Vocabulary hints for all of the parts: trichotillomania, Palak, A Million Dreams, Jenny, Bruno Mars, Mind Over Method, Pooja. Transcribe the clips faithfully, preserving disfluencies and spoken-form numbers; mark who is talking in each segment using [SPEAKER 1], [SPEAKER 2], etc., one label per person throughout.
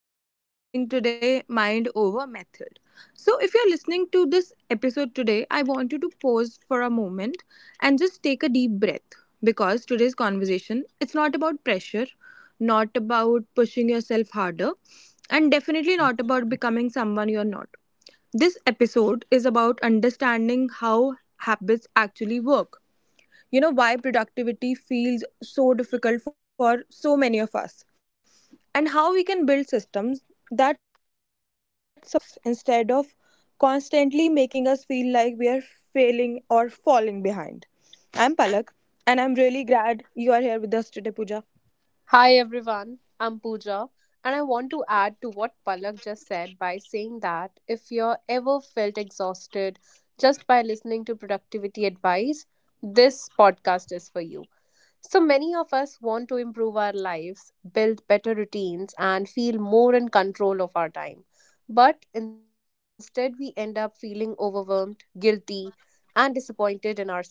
[SPEAKER 1] which we are naming today Mind Over Method. So, if you're listening to this episode today, I want you to pause for a moment and just take a deep breath because today's conversation it's not about pressure, not about pushing yourself harder, and definitely not about becoming someone you're not. This episode is about understanding how habits actually work, you know why productivity feels so difficult for so many of us, and how we can build systems that support us instead of constantly making us feel like we are failing or falling behind. I'm Palak, and I'm really glad you are here with us today, Pooja.
[SPEAKER 2] Hi everyone, I'm Pooja, and I want to add to what Palak just said by saying that if you're ever felt exhausted just by listening to productivity advice, this podcast is for you. So many of us want to improve our lives, build better routines, and feel more in control of our time. But instead, we end up feeling overwhelmed, guilty, and disappointed in ourselves.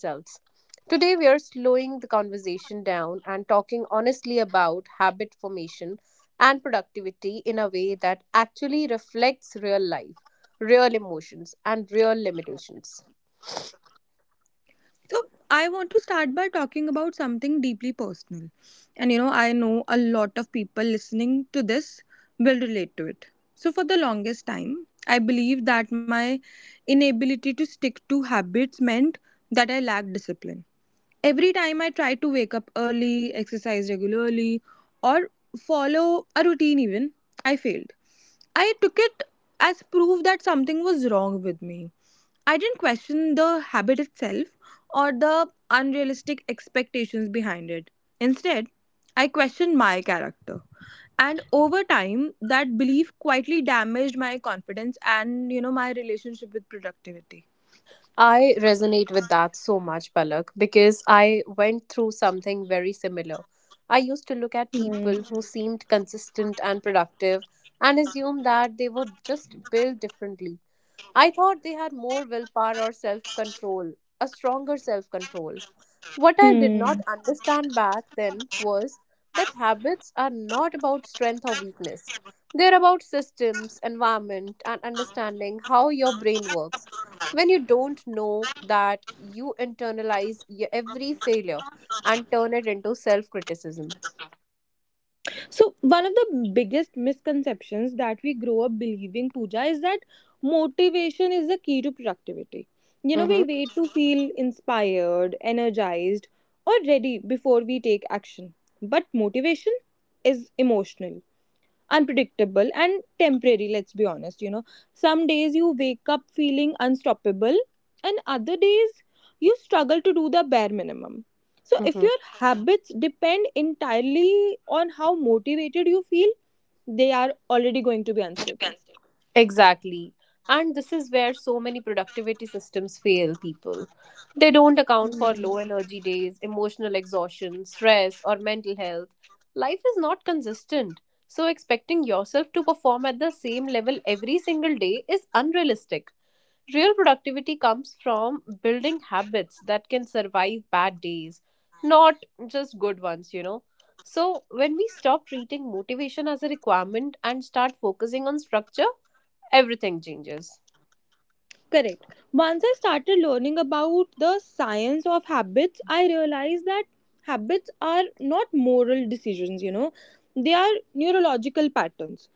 [SPEAKER 2] Today, we are slowing the conversation down and talking honestly about habit formation and productivity in a way that actually reflects real life, real emotions, and real limitations.
[SPEAKER 1] So I want to start by talking about something deeply personal. And you know, I know a lot of people listening to this will relate to it. So for the longest time, I believed that my inability to stick to habits meant that I lacked discipline. Every time I tried to wake up early, exercise regularly, or follow a routine even, I failed. I took it as proof that something was wrong with me. I didn't question the habit itself or the unrealistic expectations behind it. Instead, I questioned my character. And over time, that belief quietly damaged my confidence and, you know, my relationship with productivity.
[SPEAKER 2] I resonate with that so much, Palak, because I went through something very similar. I used to look at
[SPEAKER 1] Hmm.
[SPEAKER 2] people who seemed consistent and productive and assume that they were just built differently. I thought they had more willpower or self control, a stronger self control. What I did
[SPEAKER 1] Hmm.
[SPEAKER 2] not understand back then was that habits are not about strength or weakness. They're about systems, environment, and understanding how your brain works. When you don't know that, you internalize y- every failure and turn it into self criticism.
[SPEAKER 1] So, one of the biggest misconceptions that we grow up believing, Pooja, is that motivation is the key to productivity. You know, we
[SPEAKER 2] Mm-hmm.
[SPEAKER 1] wait to feel inspired, energized, or ready before we take action. But motivation is emotional, unpredictable, and temporary. Let's be honest, you know some days you wake up feeling unstoppable, and other days you struggle to do the bare minimum. So if your habits depend entirely on how motivated you feel, they are already going to be unstable.
[SPEAKER 2] Exactly. And this is where so many productivity systems fail people. They don't account for
[SPEAKER 1] Hmm.
[SPEAKER 2] low energy days, emotional exhaustion, stress, or mental health. Life is not consistent. So, expecting yourself to perform at the same level every single day is unrealistic. Real productivity comes from building habits that can survive bad days, not just good ones, you know. So, when we stop treating motivation as a requirement and start focusing on structure, everything changes.
[SPEAKER 1] Correct. Once I started learning about the science of habits, I realized that habits are not moral decisions, you know, they are neurological patterns.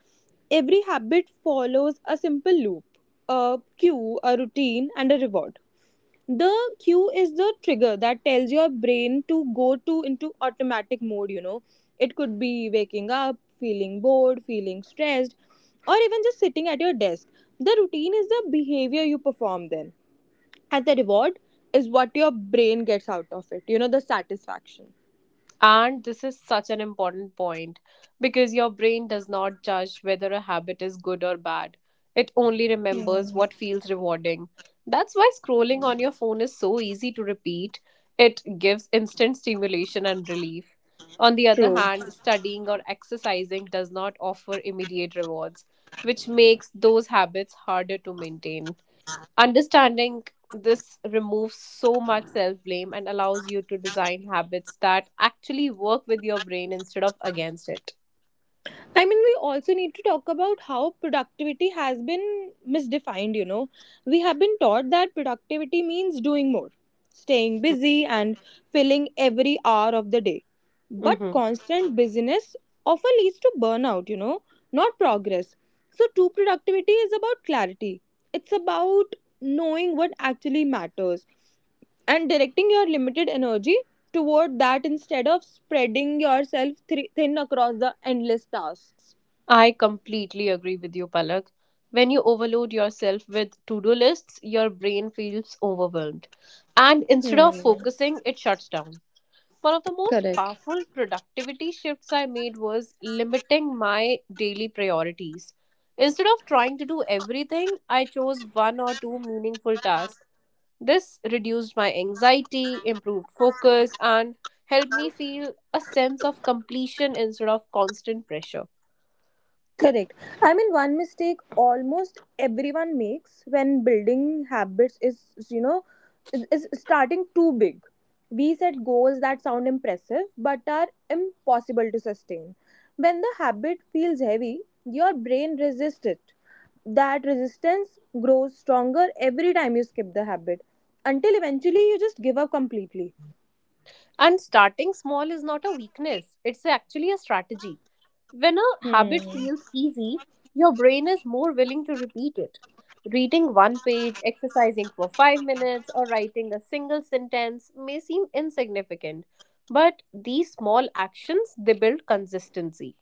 [SPEAKER 1] Every habit follows a simple loop: a cue, a routine, and a reward. The cue is the trigger that tells your brain to go to into automatic mode. you know it could be waking up, feeling bored, feeling stressed, or even just sitting at your desk. The routine is the behavior you perform then, and the reward is what your brain gets out of it, you know the satisfaction.
[SPEAKER 2] And this is such an important point because your brain does not judge whether a habit is good or bad. It only remembers
[SPEAKER 1] Hmm.
[SPEAKER 2] what feels rewarding. That's why scrolling on your phone is so easy to repeat. It gives instant stimulation and relief. On the other
[SPEAKER 1] True.
[SPEAKER 2] hand, studying or exercising does not offer immediate rewards, which makes those habits harder to maintain. Understanding this removes so much self blame and allows you to design habits that actually work with your brain instead of against it.
[SPEAKER 1] I mean, we also need to talk about how productivity has been misdefined, you know. We have been taught that productivity means doing more, staying busy, and filling every hour of the day. But
[SPEAKER 2] Mm-hmm.
[SPEAKER 1] constant busyness often leads to burnout, you know, not progress. So, true productivity is about clarity. It's about knowing what actually matters and directing your limited energy toward that, instead of spreading yourself thri- thin across the endless tasks.
[SPEAKER 2] I completely agree with you, Palak. When you overload yourself with to do lists, your brain feels overwhelmed. And instead of
[SPEAKER 1] Hmm.
[SPEAKER 2] focusing, it shuts down. One of the most
[SPEAKER 1] Correct.
[SPEAKER 2] powerful productivity shifts I made was limiting my daily priorities. Instead of trying to do everything, I chose one or two meaningful tasks. This reduced my anxiety, improved focus, and helped me feel a sense of completion instead of constant pressure.
[SPEAKER 1] Correct. I mean, one mistake almost everyone makes when building habits is, you know, is starting too big. We set goals that sound impressive but are impossible to sustain. When the habit feels heavy, your brain resists it. That resistance grows stronger every time you skip the habit, until eventually you just give up completely.
[SPEAKER 2] And starting small is not a weakness, it's actually a strategy. When a
[SPEAKER 1] Hmm.
[SPEAKER 2] habit feels easy, your brain is more willing to repeat it. Reading one page, exercising for five minutes, or writing a single sentence may seem insignificant, but these small actions they build consistency.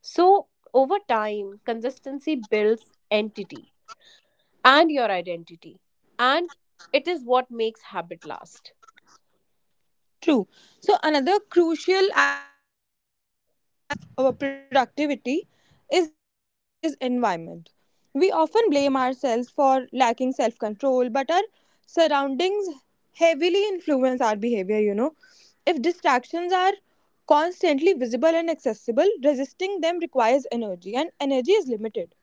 [SPEAKER 2] So, over time, consistency builds entity and your identity, and it is what makes habit last.
[SPEAKER 1] True. So, another crucial aspect of our productivity is that people underestimate is environment. We often blame ourselves for lacking self control, but our surroundings heavily influence our behavior, you know. If distractions are constantly visible and accessible, resisting them requires energy, and energy is limited.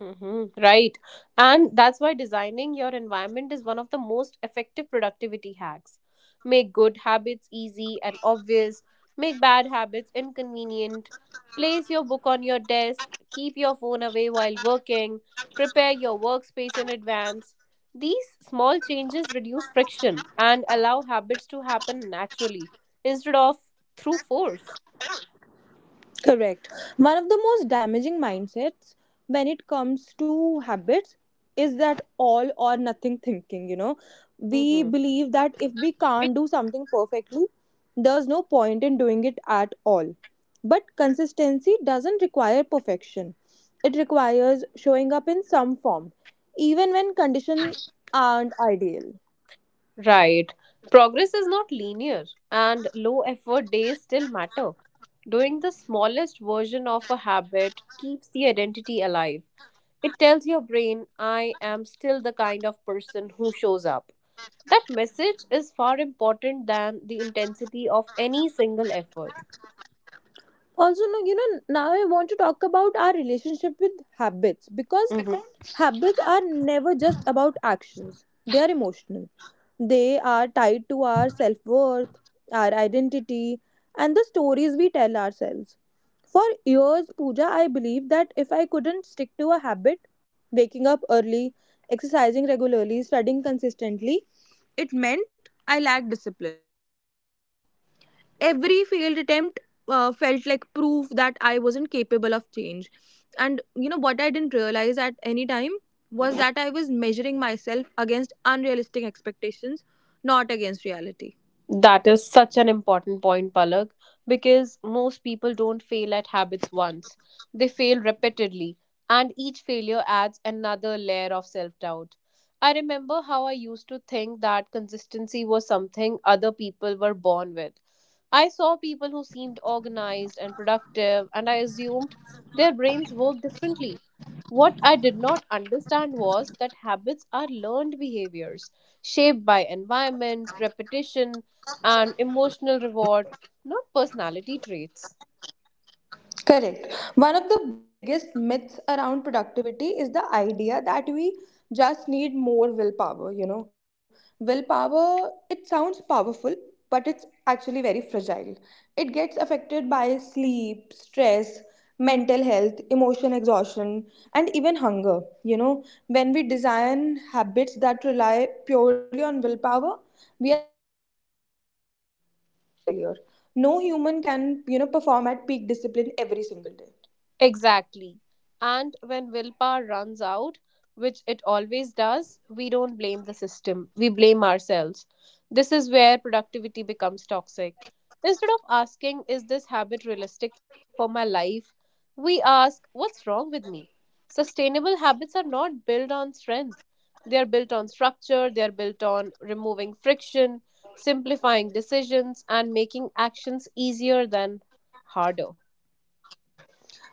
[SPEAKER 2] Mhm, right. And that's why designing your environment is one of the most effective productivity hacks. Make good habits easy and obvious, make bad habits inconvenient. Place your book on your desk, keep your phone away while working, prepare your workspace in advance. These small changes reduce friction and allow habits to happen naturally instead of through force.
[SPEAKER 1] Correct. One of the most damaging mindsets when it comes to habits is that all or nothing thinking, you know. We
[SPEAKER 2] Mm-hmm.
[SPEAKER 1] believe that if we can't do something perfectly, there's no point in doing it at all. But consistency doesn't require perfection. It requires showing up in some form, even when conditions aren't ideal.
[SPEAKER 2] Right. Progress is not linear, and low effort days still matter. Doing the smallest version of a habit keeps the identity alive. It tells your brain, I am still the kind of person who shows up. That message is far important than the intensity of any single effort.
[SPEAKER 1] Also, no, you know now I want to talk about our relationship with habits, because
[SPEAKER 2] Mhm.
[SPEAKER 1] habits are never just about actions. They are emotional, they are tied to our self-worth, our identity, and the stories we tell ourselves. For years, puja I believed that if I couldn't stick to a habit, waking up early, exercising regularly, studying consistently, it meant I lacked discipline. Every failed attempt uh, felt like proof that I wasn't capable of change. And you know what I didn't realize at any time was that I was measuring myself against unrealistic expectations, not against reality.
[SPEAKER 2] That is such an important point, Palak, because most people don't fail at habits once. They fail repeatedly, and each failure adds another layer of self doubt. I remember how I used to think that consistency was something other people were born with. I saw people who seemed organized and productive, and I assumed their brains work differently. What I did not understand was that habits are learned behaviors shaped by environment, repetition, and emotional reward, not personality traits.
[SPEAKER 1] Correct. One of the biggest myths around productivity is the idea that we just need more willpower, you know. Willpower, it sounds powerful, but it's actually very fragile. It gets affected by sleep, stress, mental health, emotion exhaustion, and even hunger, you know. When we design habits that rely purely on willpower, we are setting ourselves for failure. No human can, you know, perform at peak discipline every single day.
[SPEAKER 2] Exactly. And when willpower runs out, which it always does, we don't blame the system. We blame ourselves. This is where productivity becomes toxic. Instead of asking, is this habit realistic for my life? We ask, what's wrong with me? Sustainable habits are not built on strength. They are built on structure, they are built on removing friction, simplifying decisions, and making actions easier than harder.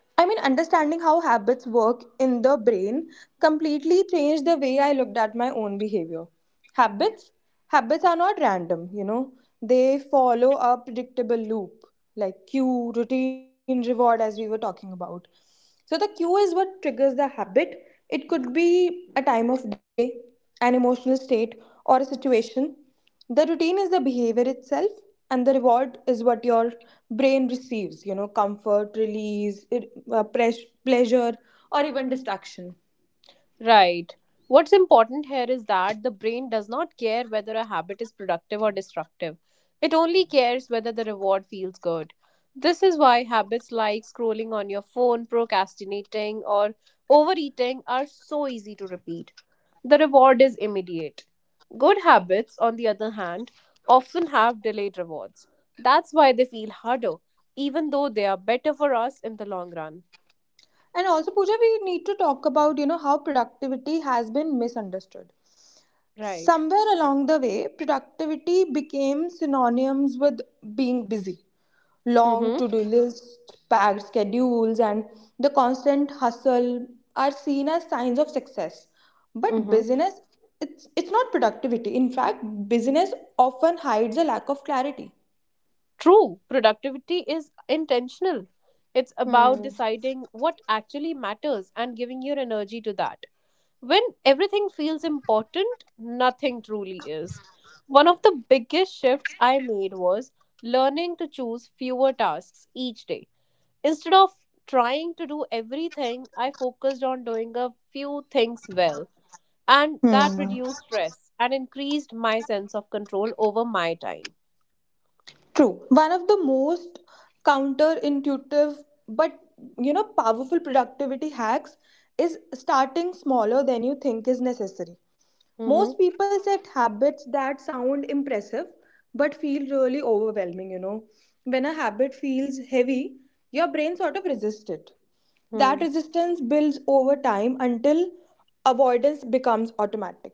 [SPEAKER 1] I mean, understanding how habits work in the brain completely changed the way I looked at my own behavior. Habits, habits are not random, you know. They follow a predictable loop, like cue, routine, reward, as we were talking about. So the cue is what triggers the habit. It could be a time of day, an emotional state, or a situation. The routine is the behavior itself, and the reward is what your brain receives, you know comfort, release, it- uh, pres- pleasure, or even distraction.
[SPEAKER 2] Right. What's important here is that the brain does not care whether a habit is productive or destructive. It only cares whether the reward feels good. This is why habits like scrolling on your phone, procrastinating, or overeating are so easy to repeat. The reward is immediate. Good habits, on the other hand, often have delayed rewards. That's why they feel harder, even though they are better for us in the long run.
[SPEAKER 1] And also, Pooja, we need to talk about you know how productivity has been misunderstood.
[SPEAKER 2] Right.
[SPEAKER 1] Somewhere along the way, productivity became synonyms with being busy.
[SPEAKER 2] Mm hmm.
[SPEAKER 1] Long to do lists, packed schedules, and the constant hustle are seen as signs of success.
[SPEAKER 2] Mm
[SPEAKER 1] But
[SPEAKER 2] hmm.
[SPEAKER 1] busyness, it's, it's not productivity. In fact, busyness often hides a lack of clarity.
[SPEAKER 2] True, productivity is intentional. It's about
[SPEAKER 1] Hmm.
[SPEAKER 2] deciding what actually matters and giving your energy to that. When everything feels important, nothing truly is. One of the biggest shifts I made was learning to choose fewer tasks each day. Instead of trying to do everything, I focused on doing a few things well, and that
[SPEAKER 1] Hmm.
[SPEAKER 2] reduced stress and increased my sense of control over my time.
[SPEAKER 1] True. One of the most counterintuitive but you know powerful productivity hacks is starting smaller than you think is necessary. Most
[SPEAKER 2] Mm-hmm.
[SPEAKER 1] people set habits that sound impressive but feel really overwhelming, you know. When a habit feels heavy, your brain sort of resists it. That
[SPEAKER 2] Hmm.
[SPEAKER 1] resistance builds over time until avoidance becomes automatic.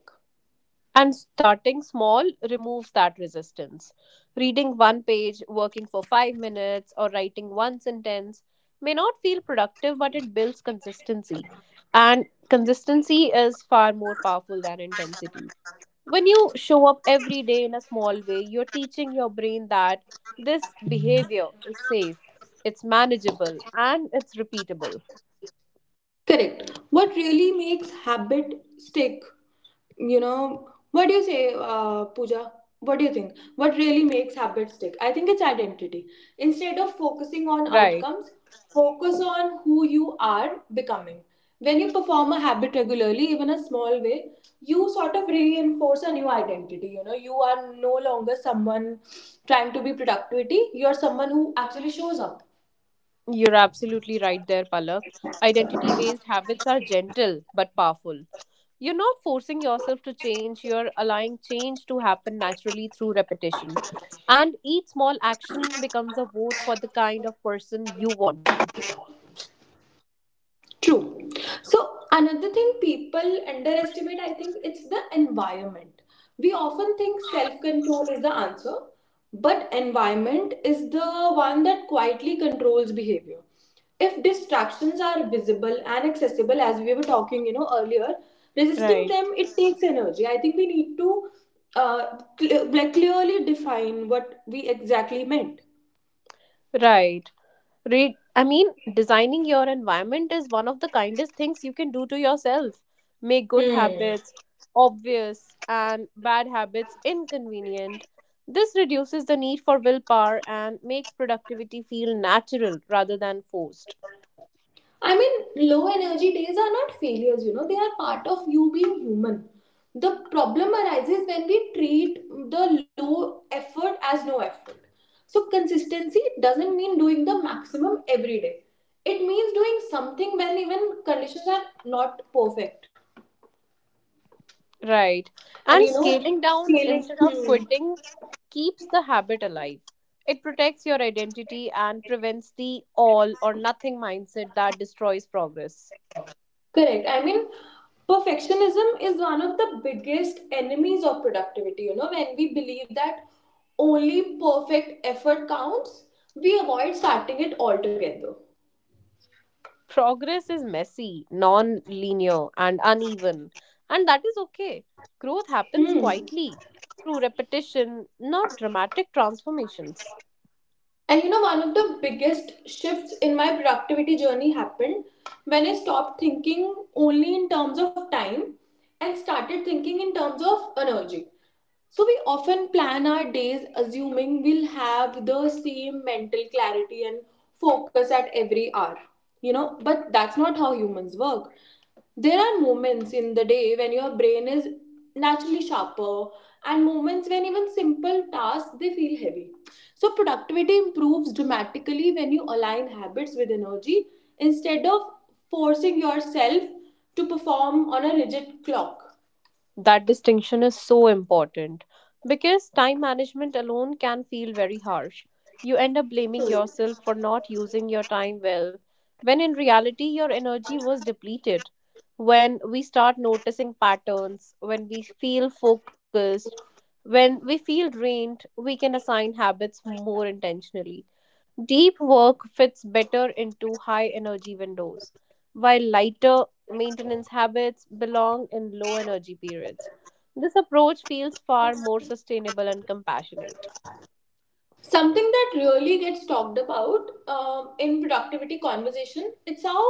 [SPEAKER 2] And starting small removes that resistance. Reading one page, working for five minutes, or writing one sentence may not feel productive, but it builds consistency. And consistency is far more powerful than intensity. When you show up every day in a small way, you're teaching your brain that this behavior is safe, it's manageable, and it's repeatable.
[SPEAKER 1] Correct. What really makes habit stick? You know, what do you say, uh, Pooja? What do you think? What really makes habit stick? I think it's identity. Instead of
[SPEAKER 2] Right.
[SPEAKER 1] focusing on outcomes, focus on who you are becoming. When you perform a habit regularly, even a small way, you sort of reinforce a new identity. You know, you are no longer someone trying to be productivity. You are someone who actually shows up.
[SPEAKER 2] You're absolutely right there, Palak. Identity based habits are gentle but powerful. You're not forcing yourself to change, you're allowing change to happen naturally through repetition. And each small action becomes a vote for the kind of person you want to be.
[SPEAKER 1] True. So another thing people underestimate, I think, it's the environment. We often think self-control is the answer, but environment is the one that quietly controls behavior. If distractions are visible and accessible, as we were talking, you know, earlier, resisting
[SPEAKER 2] Right.
[SPEAKER 1] them it takes energy. I think we need to uh, cl- like clearly define what we exactly meant.
[SPEAKER 2] Right. Read. I mean, designing your environment is one of the kindest things you can do to yourself. Make good
[SPEAKER 1] Hmm.
[SPEAKER 2] habits obvious and bad habits inconvenient. This reduces the need for willpower and makes productivity feel natural rather than forced.
[SPEAKER 1] I mean, low energy days are not failures, you know, they are part of you being human. The problem arises when we treat the low effort as no effort. So, consistency doesn't mean doing the maximum every day, it means doing something when even conditions are not perfect.
[SPEAKER 2] Right.
[SPEAKER 1] And you
[SPEAKER 2] And
[SPEAKER 1] know,
[SPEAKER 2] scaling down
[SPEAKER 1] scaling.
[SPEAKER 2] instead of
[SPEAKER 1] Hmm.
[SPEAKER 2] quitting keeps the habit alive. It protects your identity and prevents the all or nothing mindset that destroys progress.
[SPEAKER 1] Correct. I mean, perfectionism is one of the biggest enemies of productivity. You know, when we believe that only perfect effort counts, we avoid starting it altogether.
[SPEAKER 2] Progress is messy, non linear, and uneven, and that is okay. Growth happens
[SPEAKER 1] Hmm.
[SPEAKER 2] quietly through repetition, not dramatic transformations.
[SPEAKER 1] And you know, one of the biggest shifts in my productivity journey happened when I stopped thinking only in terms of time and started thinking in terms of energy. So, we often plan our days assuming we'll have the same mental clarity and focus at every hour, you know, but that's not how humans work. There are moments in the day when your brain is naturally sharper, and moments when even simple tasks they feel heavy. So productivity improves dramatically when you align habits with energy instead of forcing yourself to perform on a rigid clock.
[SPEAKER 2] That distinction is so important because time management alone can feel very harsh. You end up blaming
[SPEAKER 1] True.
[SPEAKER 2] yourself for not using your time well, when in reality, your energy was depleted. When we start noticing patterns, when we feel focused, when we feel drained, we can assign habits more intentionally. Deep work fits better into high energy windows, while lighter maintenance habits belong in low energy periods. This approach feels far more sustainable and compassionate.
[SPEAKER 1] Something that really gets talked about um, in productivity conversation, it's how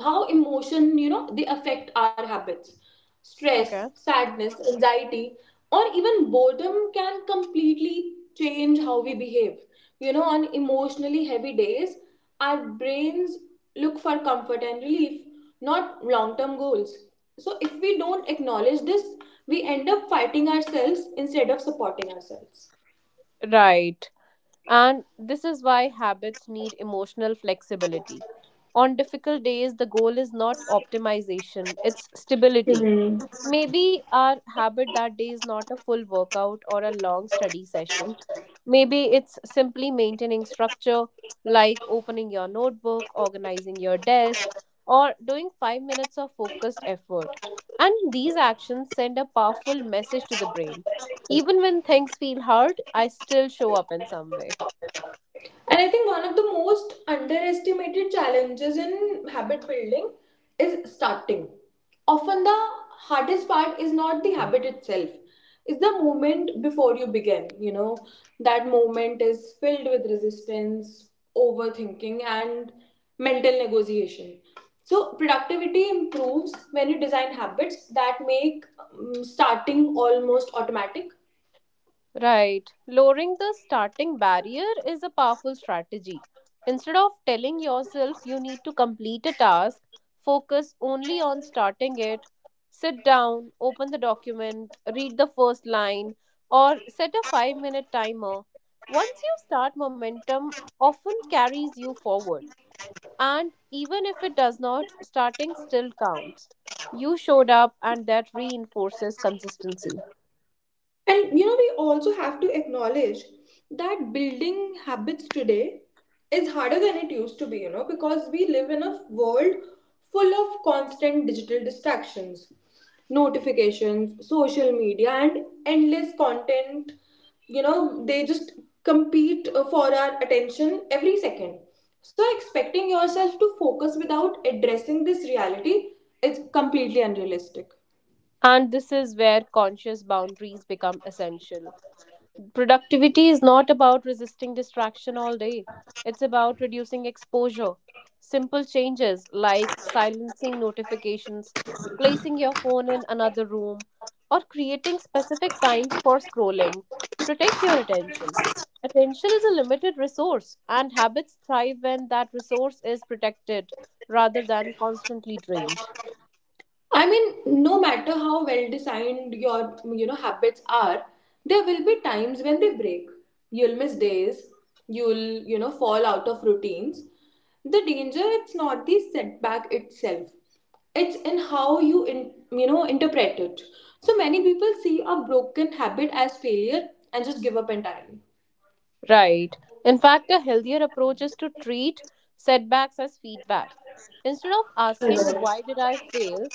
[SPEAKER 1] how emotion you know they affect our habits. Stress,
[SPEAKER 2] Okay.
[SPEAKER 1] sadness, anxiety, or even boredom can completely change how we behave. You know, on emotionally heavy days, our brains look for comfort and relief, not long-term goals. So if we don't acknowledge this, we end up fighting ourselves instead of supporting ourselves.
[SPEAKER 2] Right. And this is why habits need emotional flexibility. On difficult days, the goal is not optimization, it's stability.
[SPEAKER 1] Hmm.
[SPEAKER 2] Maybe our habit that day is not a full workout or a long study session, maybe it's simply maintaining structure like opening your notebook, organizing your desk, or doing five minutes of focused effort. And these actions send a powerful message to the brain. Even when things feel hard, I still show up in some way.
[SPEAKER 1] And I think one of the most underestimated challenges in habit building is starting. Often the hardest part is not the habit itself. It's the moment before you begin, you know. That moment is filled with resistance, overthinking, and mental negotiation. So productivity improves when you design habits that make um, starting almost automatic.
[SPEAKER 2] Right. Lowering the starting barrier is a powerful strategy. Instead of telling yourself you need to complete a task, focus only on starting it. Sit down, open the document, read the first line, or set a five minute timer. Once you start, momentum often carries you forward. And even if it does not, starting still counts. You showed up, and that reinforces consistency.
[SPEAKER 1] And you know, we also have to acknowledge that building habits today is harder than it used to be, you know, because we live in a world full of constant digital distractions, notifications, social media, and endless content. You know, they just compete uh, for our attention every second. So, expecting yourself to focus without addressing this reality is completely unrealistic.
[SPEAKER 2] And this is where conscious boundaries become essential. Productivity is not about resisting distraction all day, it's about reducing exposure. Simple changes like silencing notifications, placing your phone in another room, or creating specific times for scrolling protect your attention. Attention is a limited resource, and habits thrive when that resource is protected rather than constantly drained.
[SPEAKER 1] I mean, no matter how well designed your you know habits are, there will be times when they break. You'll miss days, you'll you know fall out of routines. The danger it's not the setback itself. It's in how you in, you know interpret it. So many people see a broken habit as failure and just give up entirely.
[SPEAKER 2] Right. In fact, a healthier approach is to treat setbacks as feedback. Instead of asking, why did I fail,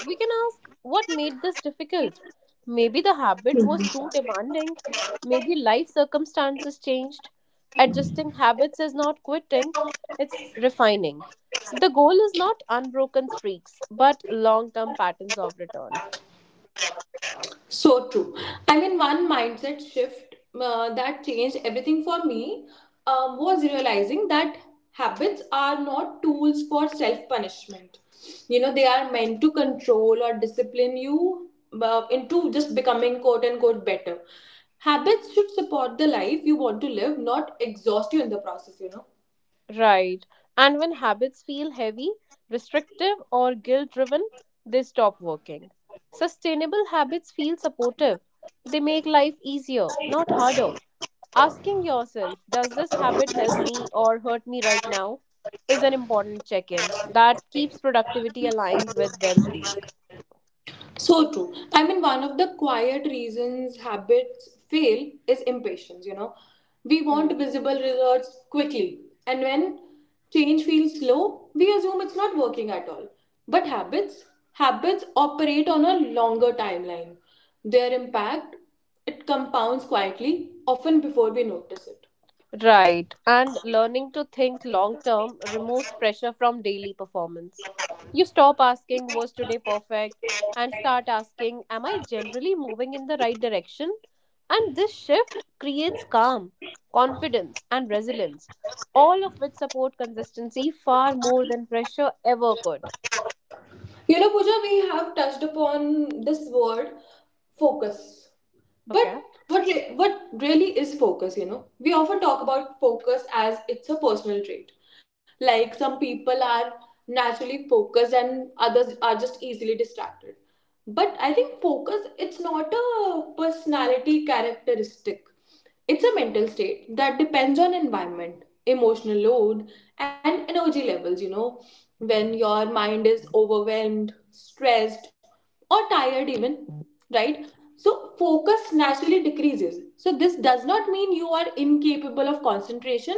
[SPEAKER 2] we can ask, what made this difficult? Maybe the habit was too demanding. Maybe life circumstances changed. Adjusting habits is not quitting, it's refining. The goal is not unbroken streaks, but long term patterns of return.
[SPEAKER 1] So true. I mean, one mindset shift uh, that changed everything for me um, was realizing that habits are not tools for self punishment. You know, they are meant to control or discipline you uh, into just becoming quote unquote better. Habits should support the life you want to live, not exhaust you in the process, you know.
[SPEAKER 2] Right. And when habits feel heavy, restrictive, or guilt driven, they stop working. Sustainable habits feel supportive. They make life easier, not harder. Asking yourself, does this habit help me or hurt me right now? Is an important check in that keeps productivity aligned with well being.
[SPEAKER 1] So true. I mean, one of the quiet reasons habits fail is impatience, you know. We want visible results quickly, and when change feels slow, we assume it's not working at all. But habits, habits operate on a longer timeline. Their impact, it compounds quietly, often before we notice it.
[SPEAKER 2] Right. And learning to think long term removes pressure from daily performance. You stop asking, was today perfect? And start asking, am I generally moving in the right direction? And this shift creates calm, confidence, and resilience, all of which support consistency far more than pressure ever could.
[SPEAKER 1] You know, Pooja, we have touched upon this word focus. But
[SPEAKER 2] Okay.
[SPEAKER 1] what, re- what really is focus, you know? We often talk about focus as it's a personal trait. Like some people are naturally focused and others are just easily distracted. But I think focus, it's not a personality characteristic. It's a mental state that depends on environment, emotional load, and energy levels. You know, when your mind is overwhelmed, stressed, or tired, even, right? So, focus naturally decreases. So, this does not mean you are incapable of concentration,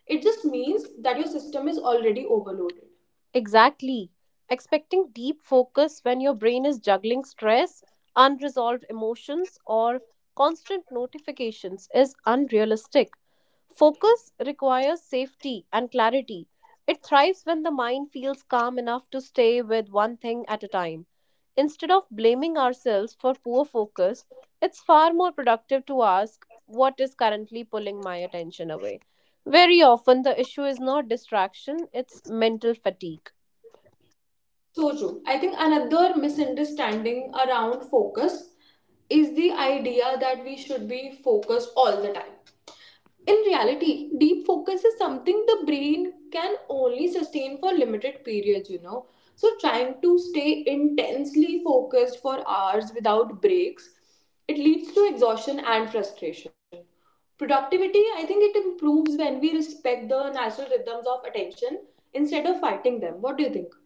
[SPEAKER 1] it just means that your system is already overloaded.
[SPEAKER 2] Exactly. Expecting deep focus when your brain is juggling stress, unresolved emotions, or constant notifications is unrealistic. Focus requires safety and clarity. It thrives when the mind feels calm enough to stay with one thing at a time. Instead of blaming ourselves for poor focus, it's far more productive to ask what is currently pulling my attention away. Very often, the issue is not distraction, it's mental fatigue.
[SPEAKER 1] So true. I think another misunderstanding around focus is the idea that we should be focused all the time. In reality, deep focus is something the brain can only sustain for limited periods, you know. So, trying to stay intensely focused for hours without breaks, it leads to exhaustion and frustration. Productivity, I think it improves when we respect the natural rhythms of attention instead of fighting them. What do you think?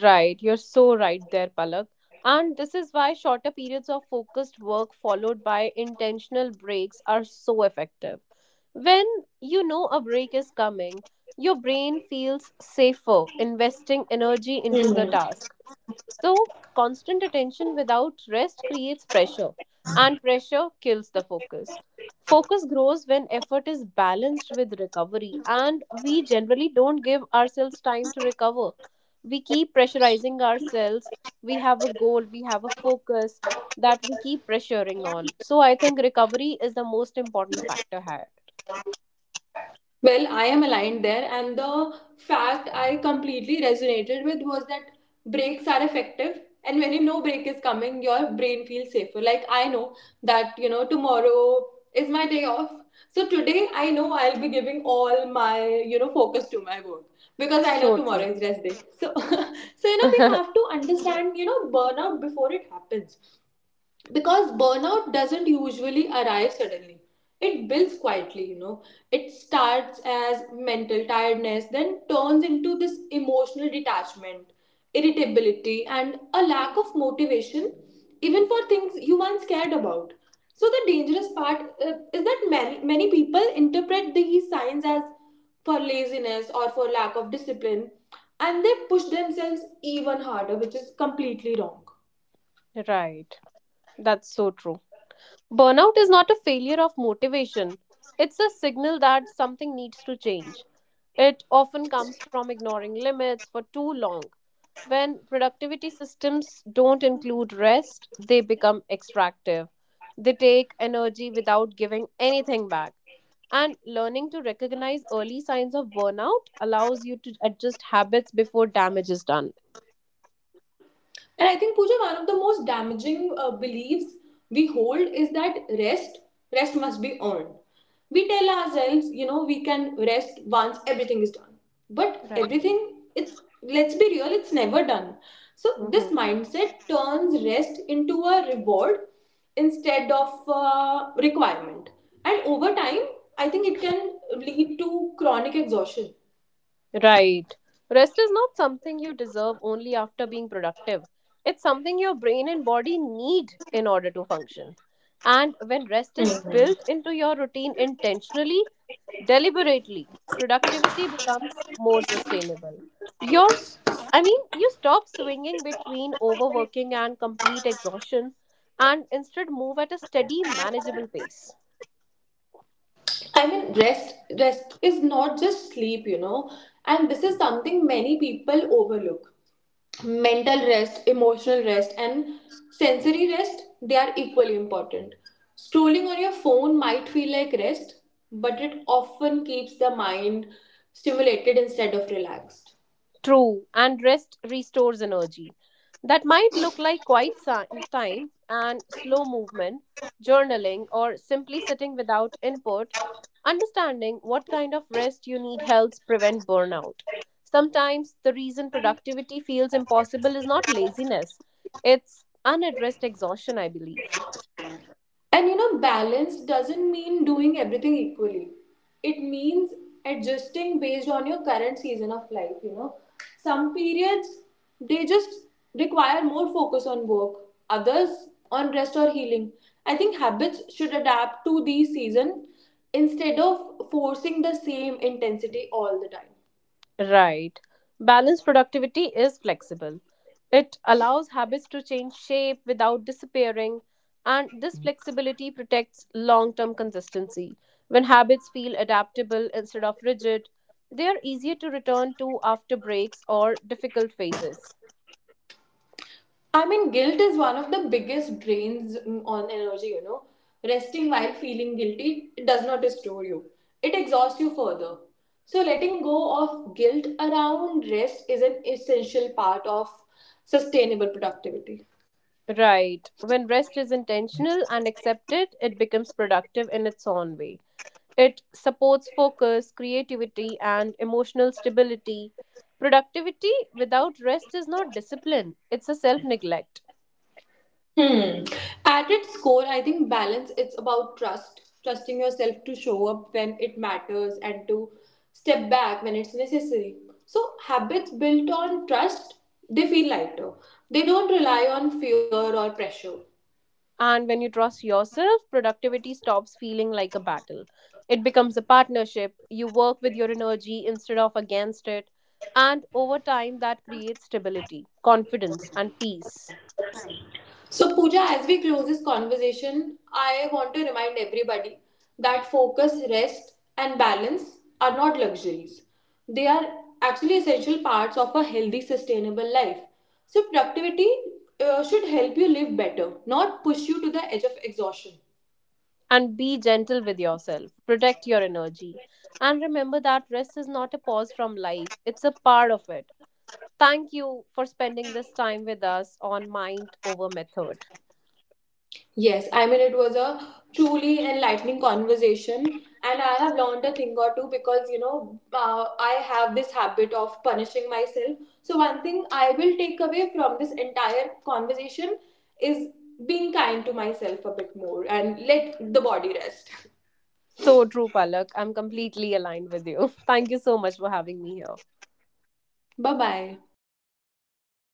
[SPEAKER 2] Right, you're so right there, Palak. And this is why shorter periods of focused work followed by intentional breaks are so effective. When you know a break is coming, your brain feels safer investing energy into the task. So, constant attention without rest creates pressure, and pressure kills the focus. Focus grows when effort is balanced with recovery, and we generally don't give ourselves time to recover. We keep pressurizing ourselves. We have a goal, we have a focus that we keep pressuring on. So, I think recovery is the most important factor here.
[SPEAKER 1] Well, I am aligned there, and the fact I completely resonated with was that breaks are effective. And when you know break is coming, your brain feels safer. Like, I know that, you know, tomorrow is my day off. So today, I know I'll be giving all my, you know, focus to my work because I know
[SPEAKER 2] So
[SPEAKER 1] tomorrow
[SPEAKER 2] true.
[SPEAKER 1] is rest day. So, so you know, we have to understand, you know, burnout before it happens, because burnout doesn't usually arrive suddenly. It builds quietly you know It starts as mental tiredness, then turns into this emotional detachment, irritability, and a lack of motivation even for things you once cared about. So the dangerous part uh, is that many many people interpret these signs as for laziness or for lack of discipline, and they push themselves even harder, which is completely wrong.
[SPEAKER 2] Right. That's so true. Burnout is not a failure of motivation, it's a signal that something needs to change. It often comes from ignoring limits for too long. When productivity systems don't include rest, they become extractive. They take energy without giving anything back. And learning to recognize early signs of burnout allows you to adjust habits before damage is done.
[SPEAKER 1] And I think, Pooja, one of the most damaging uh, beliefs we hold is that rest, rest must be earned. We tell ourselves, you know, we can rest once everything is done. But
[SPEAKER 2] Right.
[SPEAKER 1] everything, it's, let's be real, it's never done. So this
[SPEAKER 2] Mhm.
[SPEAKER 1] mindset turns rest into a reward instead of uh, requirement. And over time, I think it can lead to chronic exhaustion.
[SPEAKER 2] Right. Rest is not something you deserve only after being productive. It's something your brain and body need in order to function. And when rest is
[SPEAKER 1] Hmm.
[SPEAKER 2] built into your routine intentionally, deliberately, productivity becomes more sustainable. Yours, I mean, you stop swinging between overworking and complete exhaustion and instead move at a steady, manageable pace.
[SPEAKER 1] I mean, rest rest is not just sleep, you know, and this is something many people overlook. Mental rest, emotional rest, and sensory rest they are equally important. Scrolling on your phone might feel like rest, but it often keeps the mind stimulated instead of relaxed.
[SPEAKER 2] True, and rest restores energy. That might look like quiet si- time and slow movement, journaling, or simply sitting without input. Understanding what kind of rest you need helps prevent burnout. Sometimes the reason productivity feels impossible is not laziness, it's unaddressed exhaustion, I believe.
[SPEAKER 1] And you know, balance doesn't mean doing everything equally. It means adjusting based on your current season of life, you know. Some periods they just require more focus on work, others on rest or healing. I think habits should adapt to the season instead of forcing the same intensity all the time.
[SPEAKER 2] Right. Balanced productivity is flexible. It allows habits to change shape without disappearing, and this flexibility protects long term consistency. When habits feel adaptable instead of rigid, they are easier to return to after breaks or difficult phases.
[SPEAKER 1] I mean, guilt is one of the biggest drains mm, on energy, you know. Resting while feeling guilty does not restore you, it exhausts you further. So, letting go of guilt around rest is an essential part of sustainable productivity.
[SPEAKER 2] Right. When rest is intentional and accepted, it becomes productive in its own way. It supports focus, creativity, and emotional stability. Productivity without rest is not discipline, it's a self neglect.
[SPEAKER 1] Hmm. At its core, I think balance it's about trust, trusting yourself to show up when it matters and to step back when it's necessary. So habits built on trust, they feel lighter. They don't rely on fear or pressure.
[SPEAKER 2] And when you trust yourself, productivity stops feeling like a battle. It becomes a partnership. You work with your energy instead of against it. And over time, that creates stability, confidence, and peace.
[SPEAKER 1] So, Pooja, as we close this conversation, I want to remind everybody that focus, rest, and balance are not luxuries. They are actually essential parts of a healthy, sustainable life. So, productivity uh, should help you live better, not push you to the edge of exhaustion.
[SPEAKER 2] And be gentle with yourself. Protect your energy. And remember that rest is not a pause from life, it's a part of it. Thank you for spending this time with us on Mind Over Method.
[SPEAKER 1] Yes, I mean, it was a truly enlightening conversation, and I have learned a thing or two because you know, uh, I have this habit of punishing myself. So, one thing I will take away from this entire conversation is being kind to myself a bit more and let the body rest.
[SPEAKER 2] So true, Palak. I'm completely aligned with you. Thank you so much for having me here.
[SPEAKER 1] Bye bye.
[SPEAKER 2] Bye bye. Thank